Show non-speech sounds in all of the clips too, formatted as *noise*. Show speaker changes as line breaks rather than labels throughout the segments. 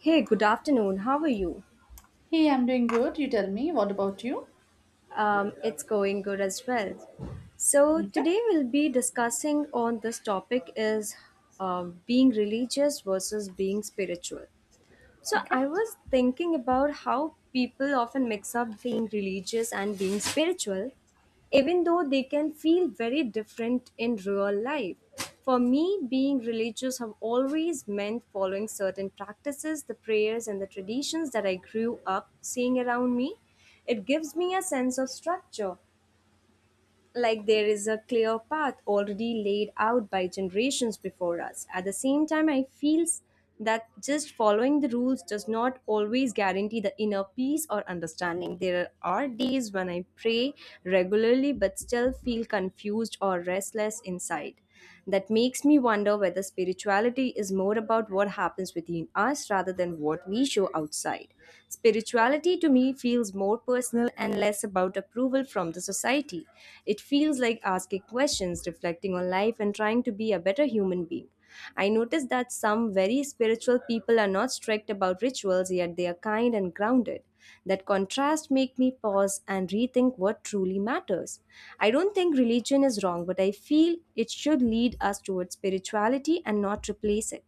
Hey, good afternoon. How are you?
Hey, I'm doing good. You tell me, what about you?
It's going good as well. So
Okay,
today we'll be discussing on this topic is uh, being religious versus being spiritual. So
okay.
I was thinking about how people often mix up being religious and being spiritual, even though they can feel very different in real life. For me, being religious have always meant following certain practices, the prayers and the traditions that I grew up seeing around me. It gives me a sense of structure, like there is a clear path already laid out by generations before us. At the same time, I feel that just following the rules does not always guarantee the inner peace or understanding. There are days when I pray regularly but still feel confused or restless inside. That makes me wonder whether spirituality is more about what happens within us rather than what we show outside. Spirituality to me feels more personal and less about approval from the society. It feels like asking questions, reflecting on life, and trying to be a better human being. I noticed that some very spiritual people are not strict about rituals, yet they are kind and grounded. That contrast make me pause and rethink what truly matters. I don't think religion is wrong, but I feel it should lead us towards spirituality and not replace it.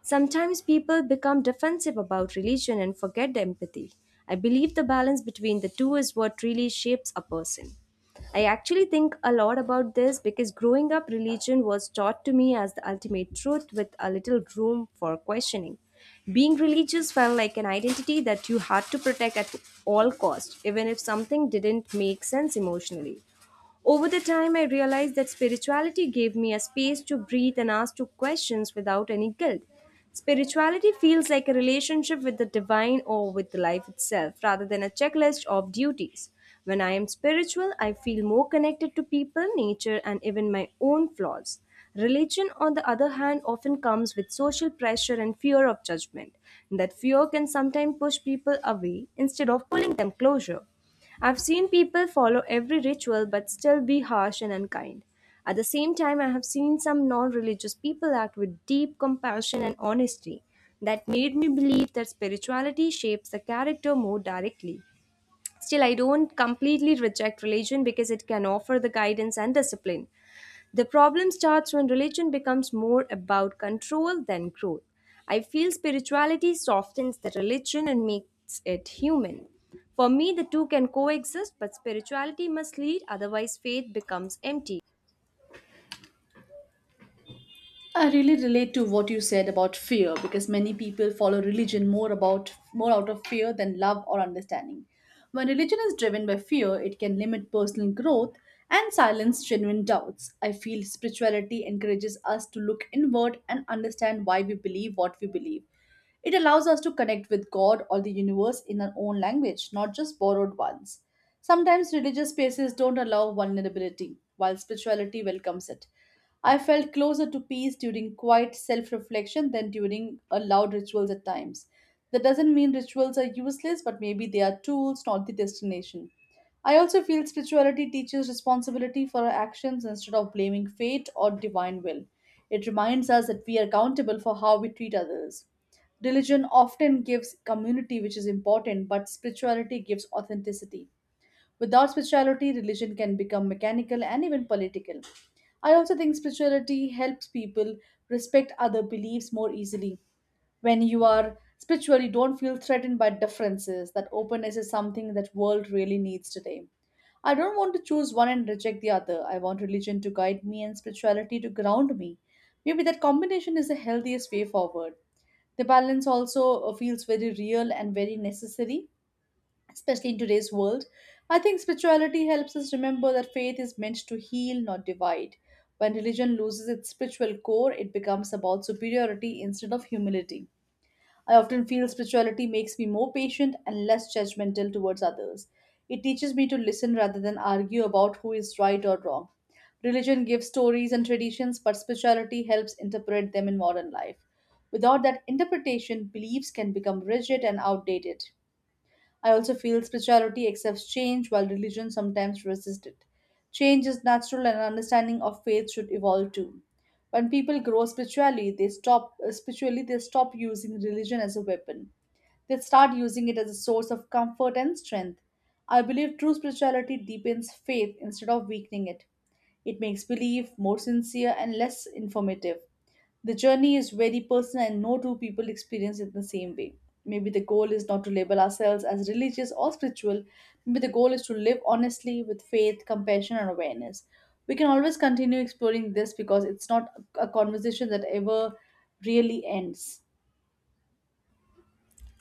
Sometimes people become defensive about religion and forget the empathy. I believe the balance between the two is what really shapes a person. I actually think a lot about this because growing up, religion was taught to me as the ultimate truth with a little room for questioning. Being religious felt like an identity that you had to protect at all cost, even if something didn't make sense emotionally. Over the time, I realized that spirituality gave me a space to breathe and ask two questions without any guilt. Spirituality feels like a relationship with the divine or with life itself rather than a checklist of duties. When I am spiritual, I feel more connected to people, nature, and even my own flaws. Religion, on the other hand, often comes with social pressure and fear of judgment. That fear can sometimes push people away instead of pulling them closer. I've seen people follow every ritual but still be harsh and unkind. At the same time, I have seen some non religious people act with deep compassion and honesty that made me believe that spirituality shapes the character more directly. Still, I don't completely reject religion because it can offer the guidance and discipline. The problem starts when religion becomes more about control than growth. I feel spirituality softens the religion and makes it human. For me, the two can coexist, but spirituality must lead, otherwise, faith becomes empty.
I really relate to what you said about fear because many people follow religion more out of fear than love or understanding. When religion is driven by fear, it can limit personal growth and silence genuine doubts. I feel spirituality encourages us to look inward and understand why we believe what we believe. It allows us to connect with God or the universe in our own language, not just borrowed ones. Sometimes religious spaces don't allow vulnerability, while spirituality welcomes it. I felt closer to peace during quiet self reflection than during a loud rituals at times. That doesn't mean rituals are useless, but maybe they are tools, not the destination. I also feel spirituality teaches responsibility for our actions instead of blaming fate or divine will. It reminds us that we are accountable for how we treat others. Religion often gives community, which is important, but spirituality gives authenticity. Without spirituality, religion can become mechanical and even political. I also think spirituality helps people respect other beliefs more easily. When you are spiritual, you don't feel threatened by differences. That openness is something that world really needs today. I don't want to choose one and reject the other. I want religion to guide me and spirituality to ground me. Maybe that combination is the healthiest way forward. The balance also feels very real and very necessary especially in today's world. I think spirituality helps us remember that faith is meant to heal, not divide. When religion loses its spiritual core, it becomes about superiority instead of humility. I often feel spirituality makes me more patient and less judgmental towards others. It teaches me to listen rather than argue about who is right or wrong. Religion gives stories and traditions, but spirituality helps interpret them in modern life. Without that interpretation, beliefs can become rigid and outdated. I also feel spirituality accepts change while religion sometimes resists it. Change is natural and understanding of faith should evolve too. When people grow spiritually, they stop using religion as a weapon, they start using it as a source of comfort and strength. I believe true spirituality deepens faith instead of weakening it. It makes belief more sincere and less informative. The journey is very personal, and no two people experience it the same way. Maybe the goal is not to label ourselves as religious or spiritual. Maybe the goal is to live honestly with faith, compassion, and awareness. We can always continue exploring this because it's not a conversation that ever really ends.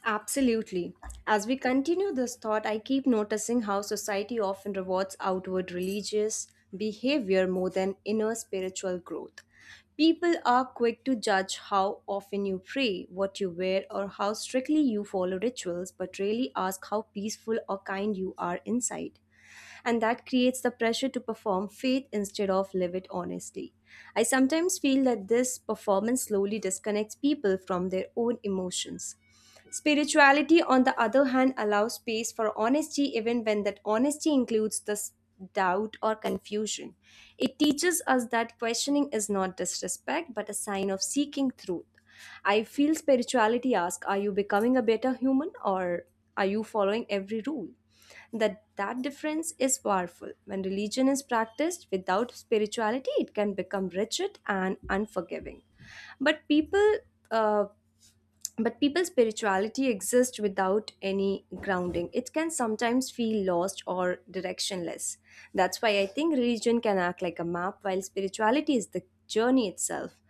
Absolutely. As we continue this thought, I keep noticing how society often rewards outward religious behavior more than inner spiritual growth. People are quick to judge how often you pray, what you wear, or how strictly you follow rituals, but rarely ask how peaceful or kind you are inside, and that creates the pressure to perform faith instead of live it honestly. I sometimes feel that this performance slowly disconnects people from their own emotions. Spirituality, on the other hand, allows space for honesty even when that honesty includes this doubt or confusion. It teaches us that questioning is not disrespect but a sign of seeking truth. I feel spirituality asks, are you becoming a better human or are you following every rule? That difference is powerful. When religion is practiced without spirituality, it can become rigid and unforgiving. But uh, people's spirituality exists without any grounding, it can sometimes feel lost or directionless. That's why I think religion can act like a map, while spirituality is the journey itself.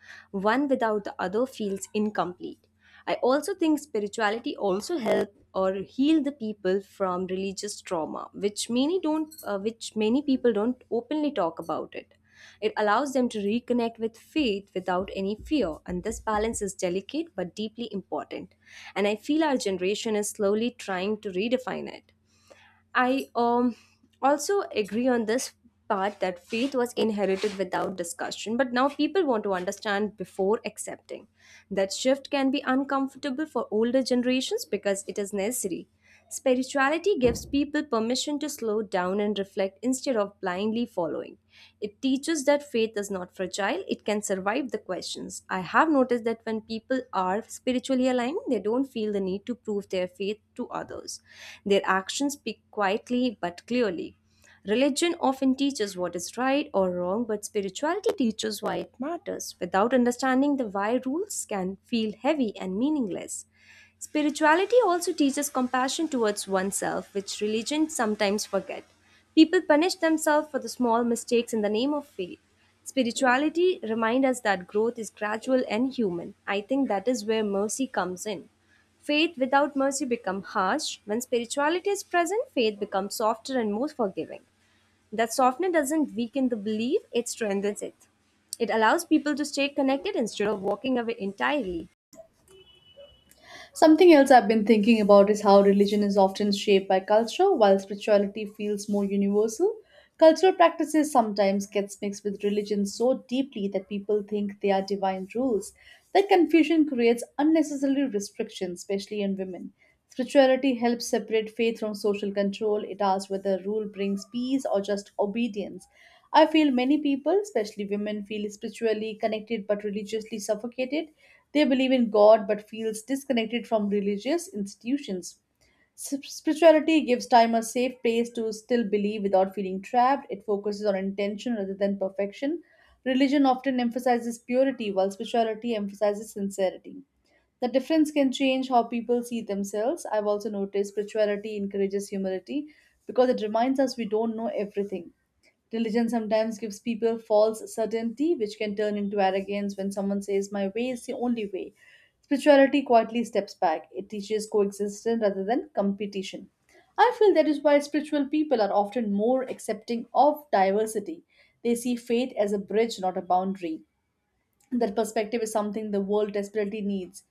One without the other feels incomplete. I also think spirituality also help or heal the people from religious trauma, which many people don't openly talk about it. It allows them to reconnect with faith without any fear, and this balance is delicate but deeply important. And I feel our generation is slowly trying to redefine it. I also agree on this part that faith was inherited without discussion, but now people want to understand before accepting. That shift can be uncomfortable for older generations because it is necessary. Spirituality gives people permission to slow down and reflect instead of blindly following. It teaches that faith is not fragile, it can survive the questions. I have noticed that when people are spiritually aligned, they don't feel the need to prove their faith to others. Their actions speak quietly but clearly. Religion often teaches what is right or wrong, but spirituality teaches why it matters. Without understanding the why, rules can feel heavy and meaningless. Spirituality also teaches compassion towards oneself, which religion sometimes forget. People punish themselves for the small mistakes in the name of faith. Spirituality reminds us that growth is gradual and human. I think that is where mercy comes in. Faith without mercy becomes harsh. When spirituality is present, faith becomes softer and more forgiving. That softness doesn't weaken the belief, it strengthens it. It allows people to stay connected instead of walking away entirely.
Something else I've been thinking about is how religion is often shaped by culture, while spirituality feels more universal. Cultural practices sometimes gets mixed with religion so deeply that people think they are divine rules. That confusion creates unnecessary restrictions, especially in women. Spirituality helps separate faith from social control. It asks whether rule brings peace or just obedience. I feel many people, especially women, feel spiritually connected but religiously suffocated. They believe in God but feels disconnected from religious institutions. Spirituality gives time a safe place to still believe without feeling trapped. It focuses on intention rather than perfection. Religion often emphasizes purity, while spirituality emphasizes sincerity. The difference can change how people see themselves. I've also noticed spirituality encourages humility because it reminds us we don't know everything. Religion sometimes gives people false certainty, which can turn into arrogance when someone says, "My way is the only way." Spirituality quietly steps back, it teaches coexistence rather than competition. I feel that is why spiritual people are often more accepting of diversity. They see faith as a bridge, not a boundary. That perspective is something the world desperately needs.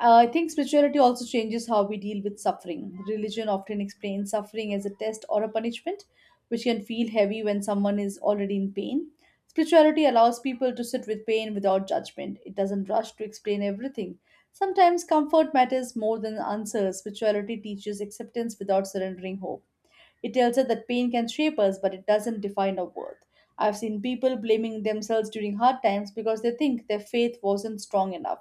I think spirituality also changes how we deal with suffering. Religion often explains suffering as a test or a punishment, which can feel heavy when someone is already in pain. Spirituality allows people to sit with pain without judgment, it doesn't rush to explain everything. Sometimes comfort matters more than answers. Spirituality teaches acceptance without surrendering hope. It tells us that pain can shape us, but it doesn't define our worth. I've seen people blaming themselves during hard times because they think their faith wasn't strong enough.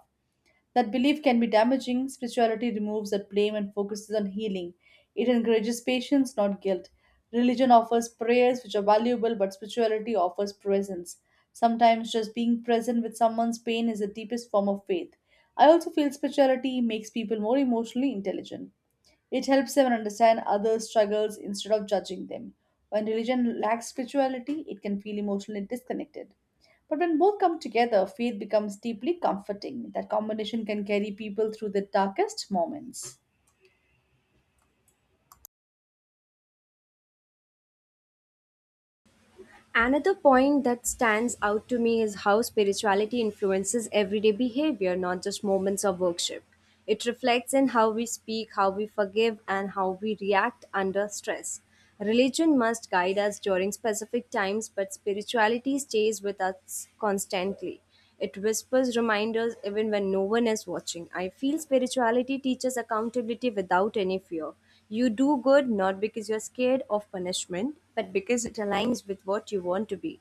That belief can be damaging. Spirituality removes that blame and focuses on healing. It encourages patience, not guilt. Religion offers prayers, which are valuable, but spirituality offers presence. Sometimes just being present with someone's pain is the deepest form of faith. I also feel spirituality makes people more emotionally intelligent. It helps them understand others' struggles instead of judging them. When religion lacks spirituality, it can feel emotionally disconnected. But when both come together, faith becomes deeply comforting. That combination can carry people through the darkest moments.
Another point that stands out to me is how spirituality influences everyday behavior, not just moments of worship. It reflects in how we speak, how we forgive, and how we react under stress. Religion must guide us during specific times, but spirituality stays with us constantly. It whispers reminders even when no one is watching. I feel spirituality teaches accountability without any fear. You do good not because you're scared of punishment, but because it aligns with what you want to be.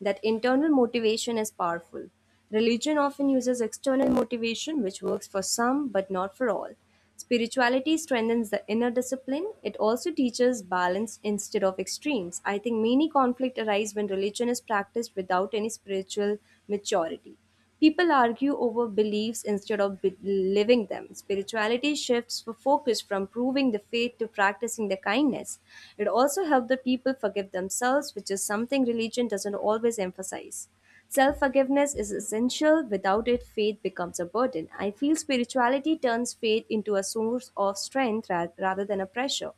That internal motivation is powerful. Religion often uses external motivation, which works for some but not for all. Spirituality strengthens the inner discipline. It also teaches balance instead of extremes. I think many conflict arise when religion is practiced without any spiritual maturity. People argue over beliefs instead of living them. Spirituality shifts the focus from proving the faith to practicing the kindness. It also helps the people forgive themselves, which is something religion doesn't always emphasize. Self forgiveness is essential. Without it, faith becomes a burden. I feel spirituality turns faith into a source of strength rather than a pressure.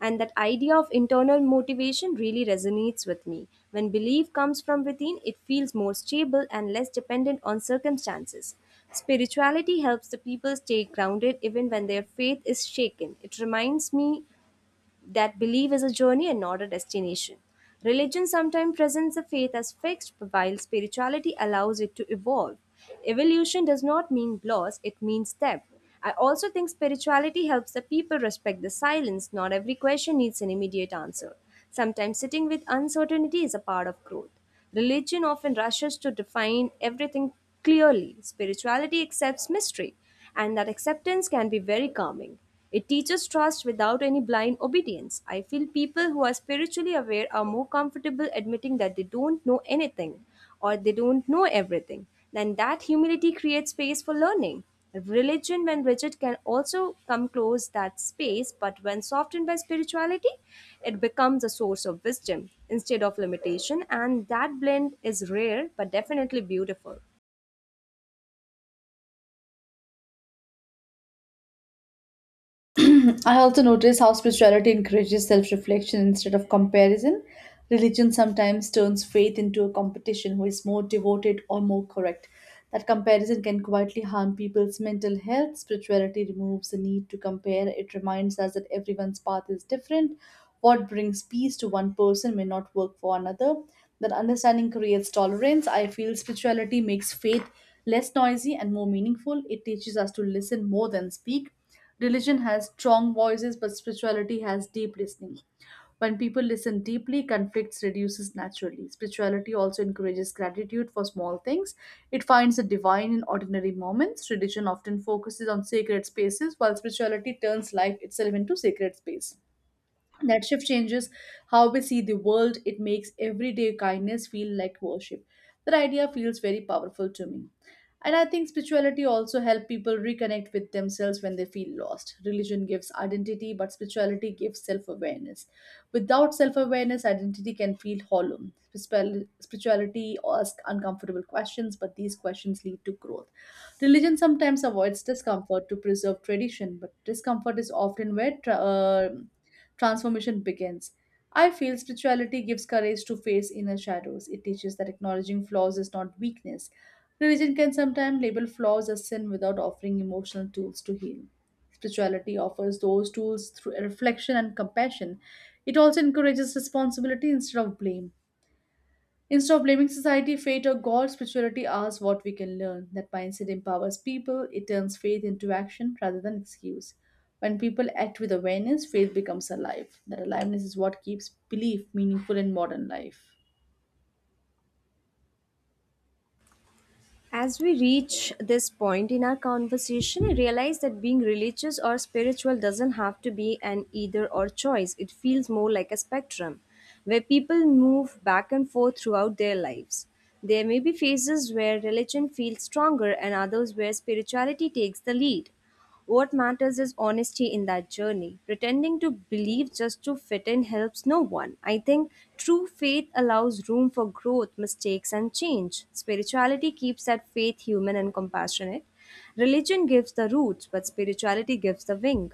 And that idea of internal motivation really resonates with me. When belief comes from within, it feels more stable and less dependent on circumstances. Spirituality helps the people stay grounded even when their faith is shaken. It reminds me that belief is a journey and not a destination. Religion sometimes presents the faith as fixed, while spirituality allows it to evolve. Evolution does not mean loss, it means depth. I also think spirituality helps the people respect the silence. Not every question needs an immediate answer. Sometimes sitting with uncertainty is a part of growth. Religion often rushes to define everything clearly. Spirituality accepts mystery, and that acceptance can be very calming. It teaches trust without any blind obedience. I feel people who are spiritually aware are more comfortable admitting that they don't know anything or they don't know everything. Then that humility creates space for learning. Religion, when rigid, can also come close that space, but when softened by spirituality, it becomes a source of wisdom instead of limitation, and that blend is rare but definitely beautiful.
*clears throat* I also notice how spirituality encourages self reflection instead of comparison. Religion sometimes turns faith into a competition who is more devoted or more correct. That comparison can quietly harm people's mental health. Spirituality removes the need to compare. It reminds us that everyone's path is different. What brings peace to one person may not work for another. That understanding creates tolerance. I feel spirituality makes faith less noisy and more meaningful. It teaches us to listen more than speak. Religion has strong voices, but spirituality has deep listening. When people listen deeply, conflicts reduces naturally. Spirituality also encourages gratitude for small things. It finds the divine in ordinary moments. Religion often focuses on sacred spaces, while spirituality turns life itself into sacred space. That shift changes how we see the world. It makes everyday kindness feel like worship. That idea feels very powerful to me. And I think spirituality also helps people reconnect with themselves when they feel lost. Religion gives identity, but spirituality gives self awareness. Without self awareness, identity can feel hollow. Spirituality asks uncomfortable questions, but these questions lead to growth. Religion sometimes avoids discomfort to preserve tradition, but discomfort is often where transformation begins. I feel spirituality gives courage to face inner shadows. It teaches that acknowledging flaws is not weakness. Religion can sometimes label flaws as sin without offering emotional tools to heal. Spirituality offers those tools through reflection and compassion. It also encourages responsibility instead of blame. Instead of blaming society, fate, or God, spirituality asks what we can learn. That mindset empowers people, it turns faith into action rather than excuse. When people act with awareness, faith becomes alive. That aliveness is what keeps belief meaningful in modern life.
As we reach this point in our conversation, I realize that being religious or spiritual doesn't have to be an either or choice. It feels more like a spectrum where people move back and forth throughout their lives. There may be phases where religion feels stronger and others where spirituality takes the lead. What matters is honesty in that journey. Pretending to believe just to fit in helps no one. I think true faith allows room for growth, mistakes, and change. Spirituality keeps that faith human and compassionate. Religion gives the roots, but spirituality gives the wing.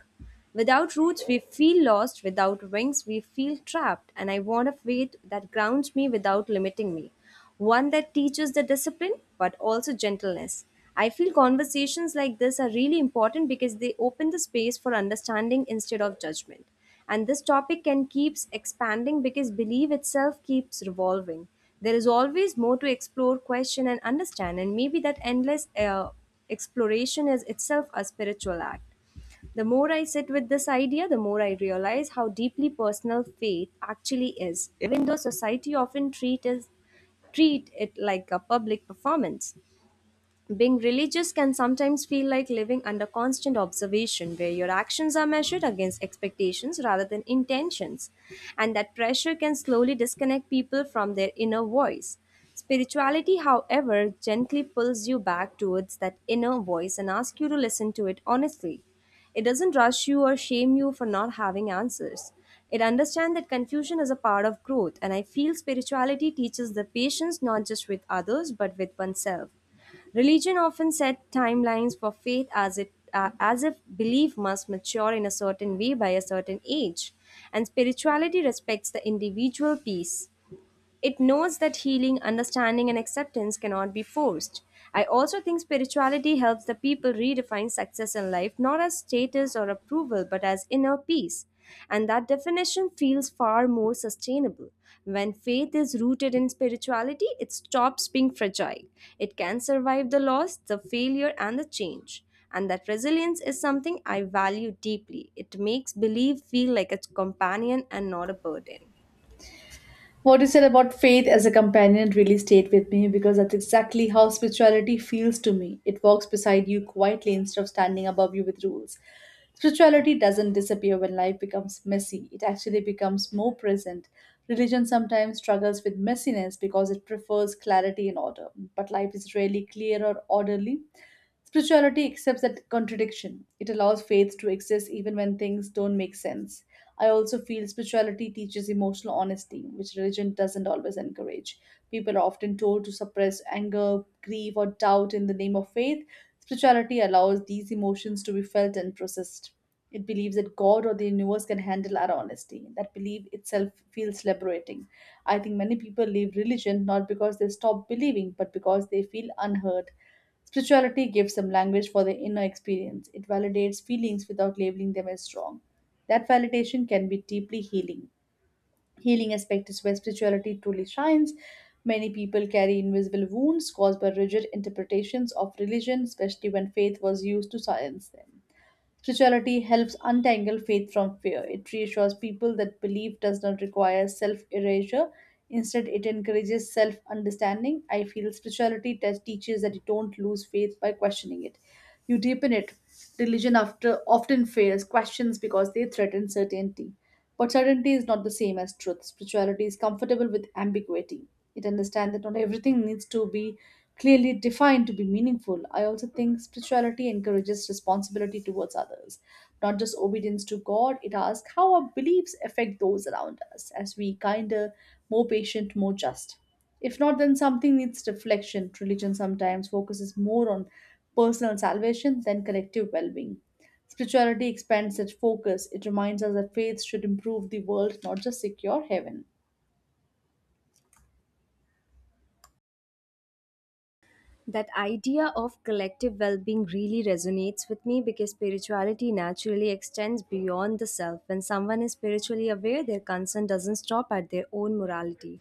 Without roots, we feel lost. Without wings, we feel trapped. And I want a faith that grounds me without limiting me. One that teaches the discipline, but also gentleness. I feel conversations like this are really important because they open the space for understanding instead of judgment. And this topic can keeps expanding because belief itself keeps revolving. There is always more to explore, question, and understand. And maybe that endless exploration is itself a spiritual act. The more I sit with this idea, the more I realize how deeply personal faith actually is, even though society often treat it like a public performance. Being religious can sometimes feel like living under constant observation, where your actions are measured against expectations rather than intentions, and that pressure can slowly disconnect people from their inner voice. Spirituality, however, gently pulls you back towards that inner voice and asks you to listen to it honestly. It doesn't rush you or shame you for not having answers. It understands that confusion is a part of growth, and I feel spirituality teaches the patience not just with others but with oneself. Religion often set timelines for faith as it as if belief must mature in a certain way by a certain age, and spirituality respects the individual peace. It knows that healing, understanding, and acceptance cannot be forced. I also think spirituality helps the people redefine success in life not as status or approval but as inner peace. And that definition feels far more sustainable. When faith is rooted in spirituality, it stops being fragile. It can survive the loss, the failure, and the change. And that resilience is something I value deeply. It makes belief feel like a companion and not a burden.
What you said about faith as a companion really stayed with me because that's exactly how spirituality feels to me. It walks beside you quietly instead of standing above you with rules. Spirituality doesn't disappear when life becomes messy, it actually becomes more present. Religion sometimes struggles with messiness because it prefers clarity and order, but life is rarely clear or orderly. Spirituality accepts that contradiction. It allows faith to exist even when things don't make sense. I also feel spirituality teaches emotional honesty, which religion doesn't always encourage. People are often told to suppress anger, grief, or doubt in the name of faith. Spirituality allows these emotions to be felt and processed. It believes that God or the universe can handle our honesty. That belief itself feels liberating. I think many people leave religion not because they stop believing, but because they feel unheard. Spirituality gives some language for their inner experience. It validates feelings without labeling them as wrong. That validation can be deeply healing aspect is where spirituality truly shines. Many people carry invisible wounds caused by rigid interpretations of religion, especially when faith was used to silence them. Spirituality helps untangle faith from fear. It reassures people that belief does not require self erasure. Instead, it encourages self understanding. I feel spirituality teaches that you don't lose faith by questioning it, you deepen it. Religion after often fails questions because they threaten certainty. But certainty is not the same as truth. Spirituality is comfortable with ambiguity. It understands that not everything needs to be clearly defined to be meaningful. I also think spirituality encourages responsibility towards others, not just obedience to God. It asks how our beliefs affect those around us as we kinder, more patient, more just. If not, then something needs reflection. Religion sometimes focuses more on personal salvation than collective well being. Spirituality expands that focus. It reminds us that faith should improve the world, not just secure heaven.
That idea of collective well being really resonates with me because spirituality naturally extends beyond the self. When someone is spiritually aware, their concern doesn't stop at their own morality.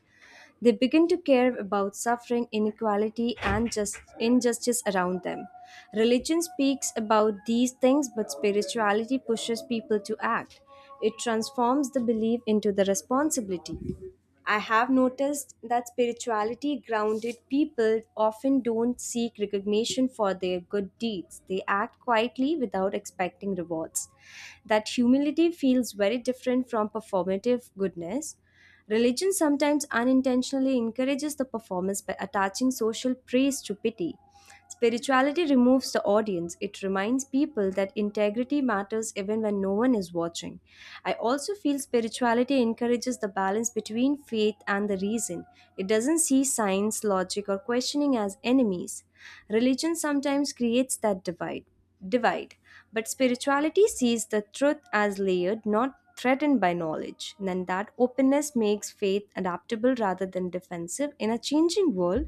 They begin to care about suffering, inequality, and just injustice around them. Religion speaks about these things, but spirituality pushes people to act. It transforms the belief into the responsibility. I have noticed that spirituality grounded people often don't seek recognition for their good deeds. They act quietly without expecting rewards. That humility feels very different from performative goodness. Religion sometimes unintentionally encourages the performance by attaching social praise to pity. Spirituality removes the audience. It reminds people that integrity matters even when no one is watching. I also feel spirituality encourages the balance between faith and the reason. It doesn't see science, logic, or questioning as enemies. Religion sometimes creates that divide. Divide. But spirituality sees the truth as layered, not threatened by knowledge. And then that openness makes faith adaptable rather than defensive in a changing world.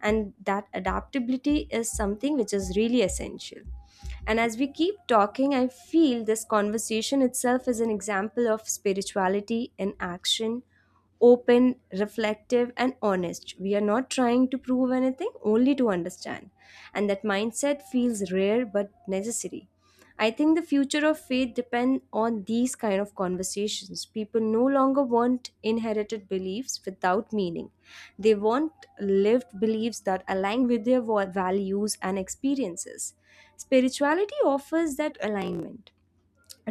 And that adaptability is something which is really essential. And as we keep talking, I feel this conversation itself is an example of spirituality in action, open, reflective, and honest. We are not trying to prove anything, only to understand. And that mindset feels rare but necessary. I think the future of faith depends on these kind of conversations. People no longer want inherited beliefs without meaning. They want lived beliefs that align with their values and experiences. Spirituality offers that alignment.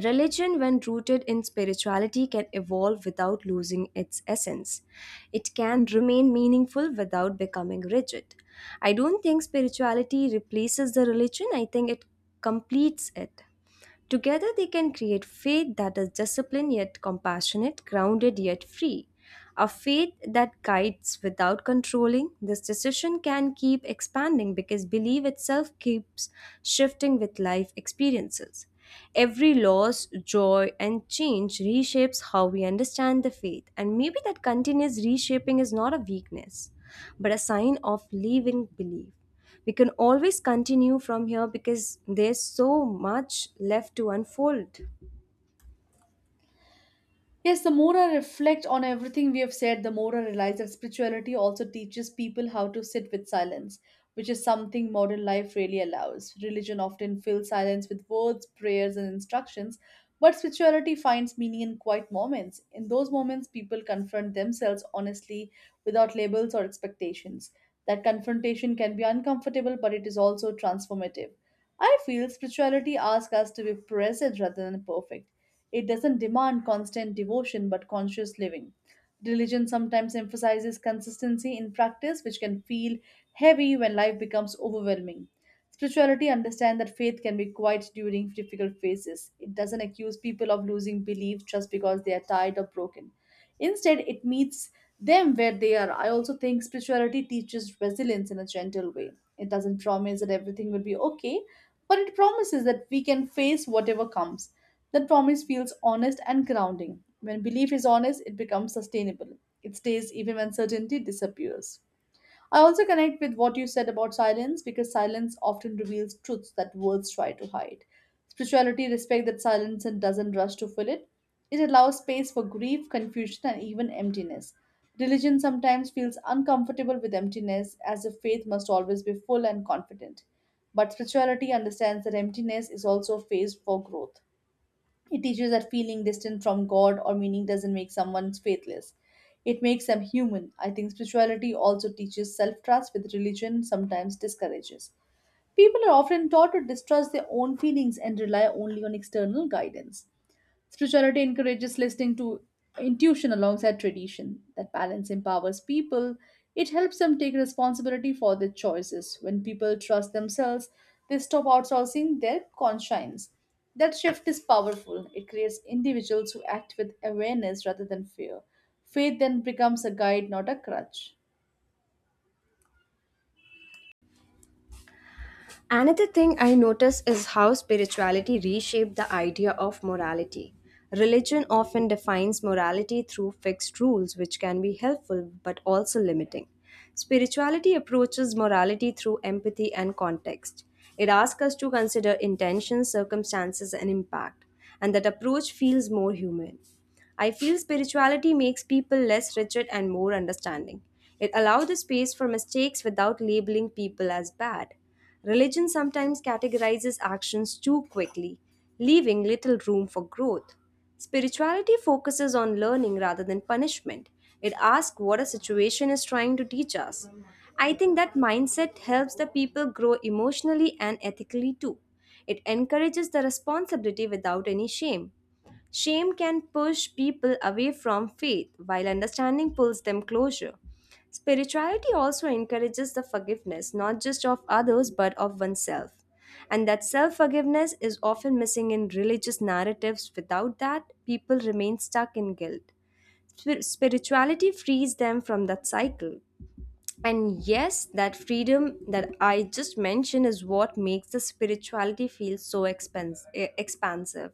Religion, when rooted in spirituality, can evolve without losing its essence. It can remain meaningful without becoming rigid. I don't think spirituality replaces the religion, I think it completes it. Together, they can create faith that is disciplined yet compassionate, grounded yet free. A faith that guides without controlling, this decision can keep expanding because belief itself keeps shifting with life experiences. Every loss, joy, and change reshapes how we understand the faith, and maybe that continuous reshaping is not a weakness, but a sign of living belief. We can always continue from here because there's so much left to unfold.
Yes, the more I reflect on everything we have said, the more I realize that spirituality also teaches people how to sit with silence, which is something modern life really allows. Religion often fills silence with words, prayers, and instructions, but spirituality finds meaning in quiet moments. In those moments, people confront themselves honestly without labels or expectations. That confrontation can be uncomfortable, but it is also transformative. I feel spirituality asks us to be present rather than perfect. It doesn't demand constant devotion but conscious living. Religion sometimes emphasizes consistency in practice, which can feel heavy when life becomes overwhelming. Spirituality understands that faith can be quiet during difficult phases. It doesn't accuse people of losing belief just because they are tired or broken. Instead, it meets them where they are. I also think spirituality teaches resilience in a gentle way. It doesn't promise that everything will be okay, but it promises that we can face whatever comes. That promise feels honest and grounding. When belief is honest, it becomes sustainable. It stays even when certainty disappears. I also connect with what you said about silence because silence often reveals truths that words try to hide. Spirituality respects that silence and doesn't rush to fill it. It allows space for grief, confusion, and even emptiness. Religion sometimes feels uncomfortable with emptiness as if faith must always be full and confident. But spirituality understands that emptiness is also a phase for growth. It teaches that feeling distant from God or meaning doesn't make someone faithless. It makes them human. I think spirituality also teaches self trust, with religion sometimes discourages. People are often taught to distrust their own feelings and rely only on external guidance. Spirituality encourages listening to intuition alongside tradition. That balance empowers people. It helps them take responsibility for their choices. When people trust themselves, they stop outsourcing their conscience. That shift is powerful. It creates individuals who act with awareness rather than fear. Faith then becomes a guide, not a crutch.
Another thing I notice is how spirituality reshaped the idea of morality. Religion often defines morality through fixed rules, which can be helpful but also limiting. Spirituality approaches morality through empathy and context. It asks us to consider intentions, circumstances, and impact, and that approach feels more human. I feel spirituality makes people less rigid and more understanding. It allows the space for mistakes without labeling people as bad. Religion sometimes categorizes actions too quickly, leaving little room for growth. Spirituality focuses on learning rather than punishment. It asks what a situation is trying to teach us. I think that mindset helps the people grow emotionally and ethically too. It encourages the responsibility without any shame. Shame can push people away from faith, while understanding pulls them closer. Spirituality also encourages the forgiveness, not just of others, but of oneself. And that self forgiveness is often missing in religious narratives. Without that, people remain stuck in guilt. Spirituality frees them from that cycle. And yes, that freedom that I just mentioned is what makes the spirituality feel so expansive.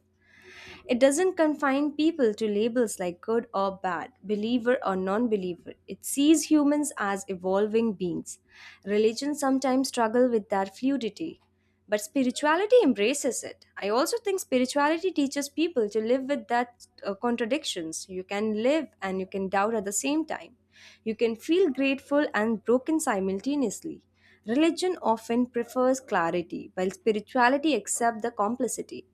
It doesn't confine people to labels like good or bad, believer or non believer. It sees humans as evolving beings. Religions sometimes struggle with that fluidity, but spirituality embraces it. I also think spirituality teaches people to live with that contradictions. You can live and you can doubt at the same time. You can feel grateful and broken simultaneously. Religion often prefers clarity, while spirituality accepts the complexity.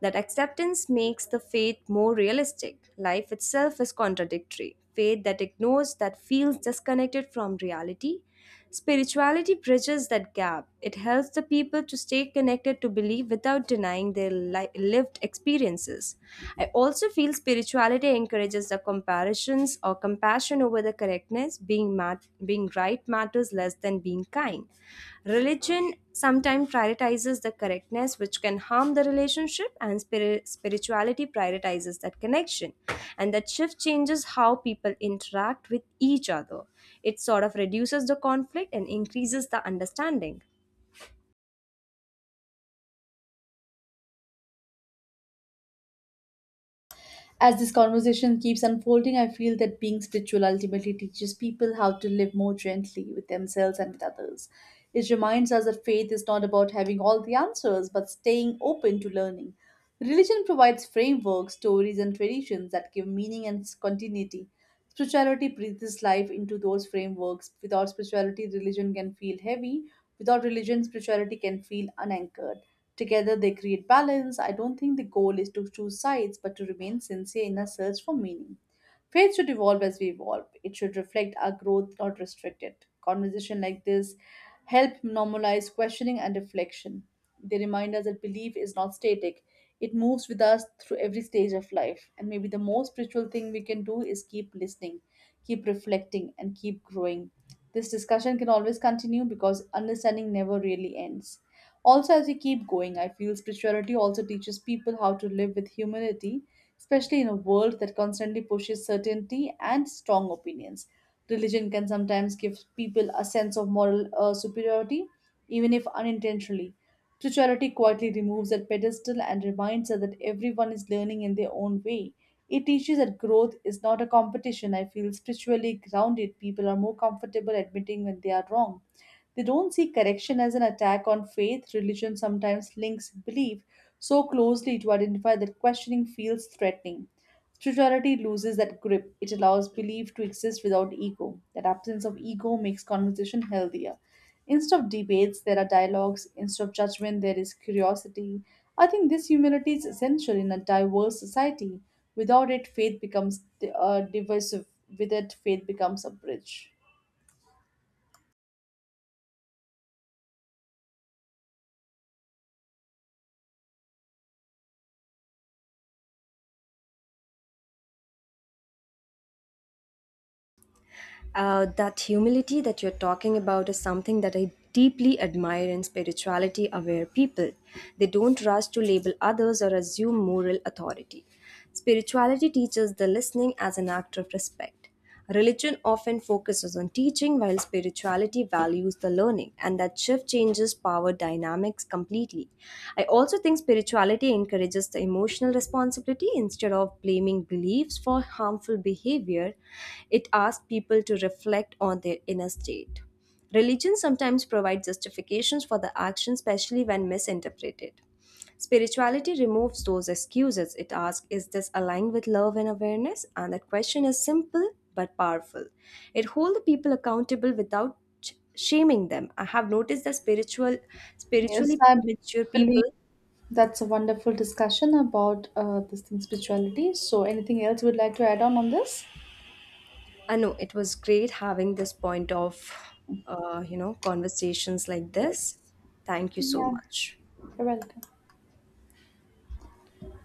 That acceptance makes the faith more realistic. Life itself is contradictory. Faith that ignores, that feels disconnected from reality. Spirituality bridges that gap. It helps the people to stay connected to belief without denying their lived experiences. I also feel spirituality encourages the comparisons or comparison compassion over the correctness, being, being right matters less than being kind. Religion sometimes prioritizes the correctness, which can harm the relationship, and spirituality prioritizes that connection. And that shift changes how people interact with each other. It sort of reduces the conflict and increases the understanding.
As this conversation keeps unfolding, I feel that being spiritual ultimately teaches people how to live more gently with themselves and with others. It reminds us that faith is not about having all the answers, but staying open to learning. Religion provides frameworks, stories, and traditions that give meaning and continuity. Spirituality breathes life into those frameworks. Without spirituality, religion can feel heavy. Without religion, spirituality can feel unanchored. Together, they create balance. I don't think the goal is to choose sides, but to remain sincere in our search for meaning. Faith should evolve as we evolve. It should reflect our growth, not restrict it. Conversation like this help normalize questioning and reflection. They remind us that belief is not static. It moves with us through every stage of life. And maybe the most spiritual thing we can do is keep listening, keep reflecting, and keep growing. This discussion can always continue because understanding never really ends. Also, as we keep going, I feel spirituality also teaches people how to live with humility, especially in a world that constantly pushes certainty and strong opinions. Religion can sometimes give people a sense of moral superiority, even if unintentionally. Spirituality quietly removes that pedestal and reminds us that everyone is learning in their own way. It teaches that growth is not a competition. I feel spiritually grounded people are more comfortable admitting when they are wrong. They don't see correction as an attack on faith. Religion sometimes links belief so closely to identify that questioning feels threatening. Spirituality loses that grip. It allows belief to exist without ego. That absence of ego makes conversation healthier. Instead of debates, there are dialogues. Instead of judgment, there is curiosity. I think this humility is essential in a diverse society. Without it, faith becomes divisive. With it, faith becomes a bridge.
That humility that you're talking about is something that I deeply admire in spirituality aware people. They don't rush to label others or assume moral authority. Spirituality teaches the listening as an act of respect. Religion often focuses on teaching while spirituality values the learning, and that shift changes power dynamics completely. I also think spirituality encourages the emotional responsibility instead of blaming beliefs for harmful behavior. It asks people to reflect on their inner state. Religion sometimes provides justifications for the action, especially when misinterpreted. Spirituality removes those excuses. It asks, is this aligned with love and awareness? And that question is simple but powerful. It holds the people accountable without shaming them. I have noticed that
Yes,
spiritually
I
mature people.
believe that's a wonderful discussion about this thing, spirituality. So, anything else you would like to add on this?
I know it was great having this point of, conversations like this.
Yes.
Thank you so
Yeah,
much.
you're welcome.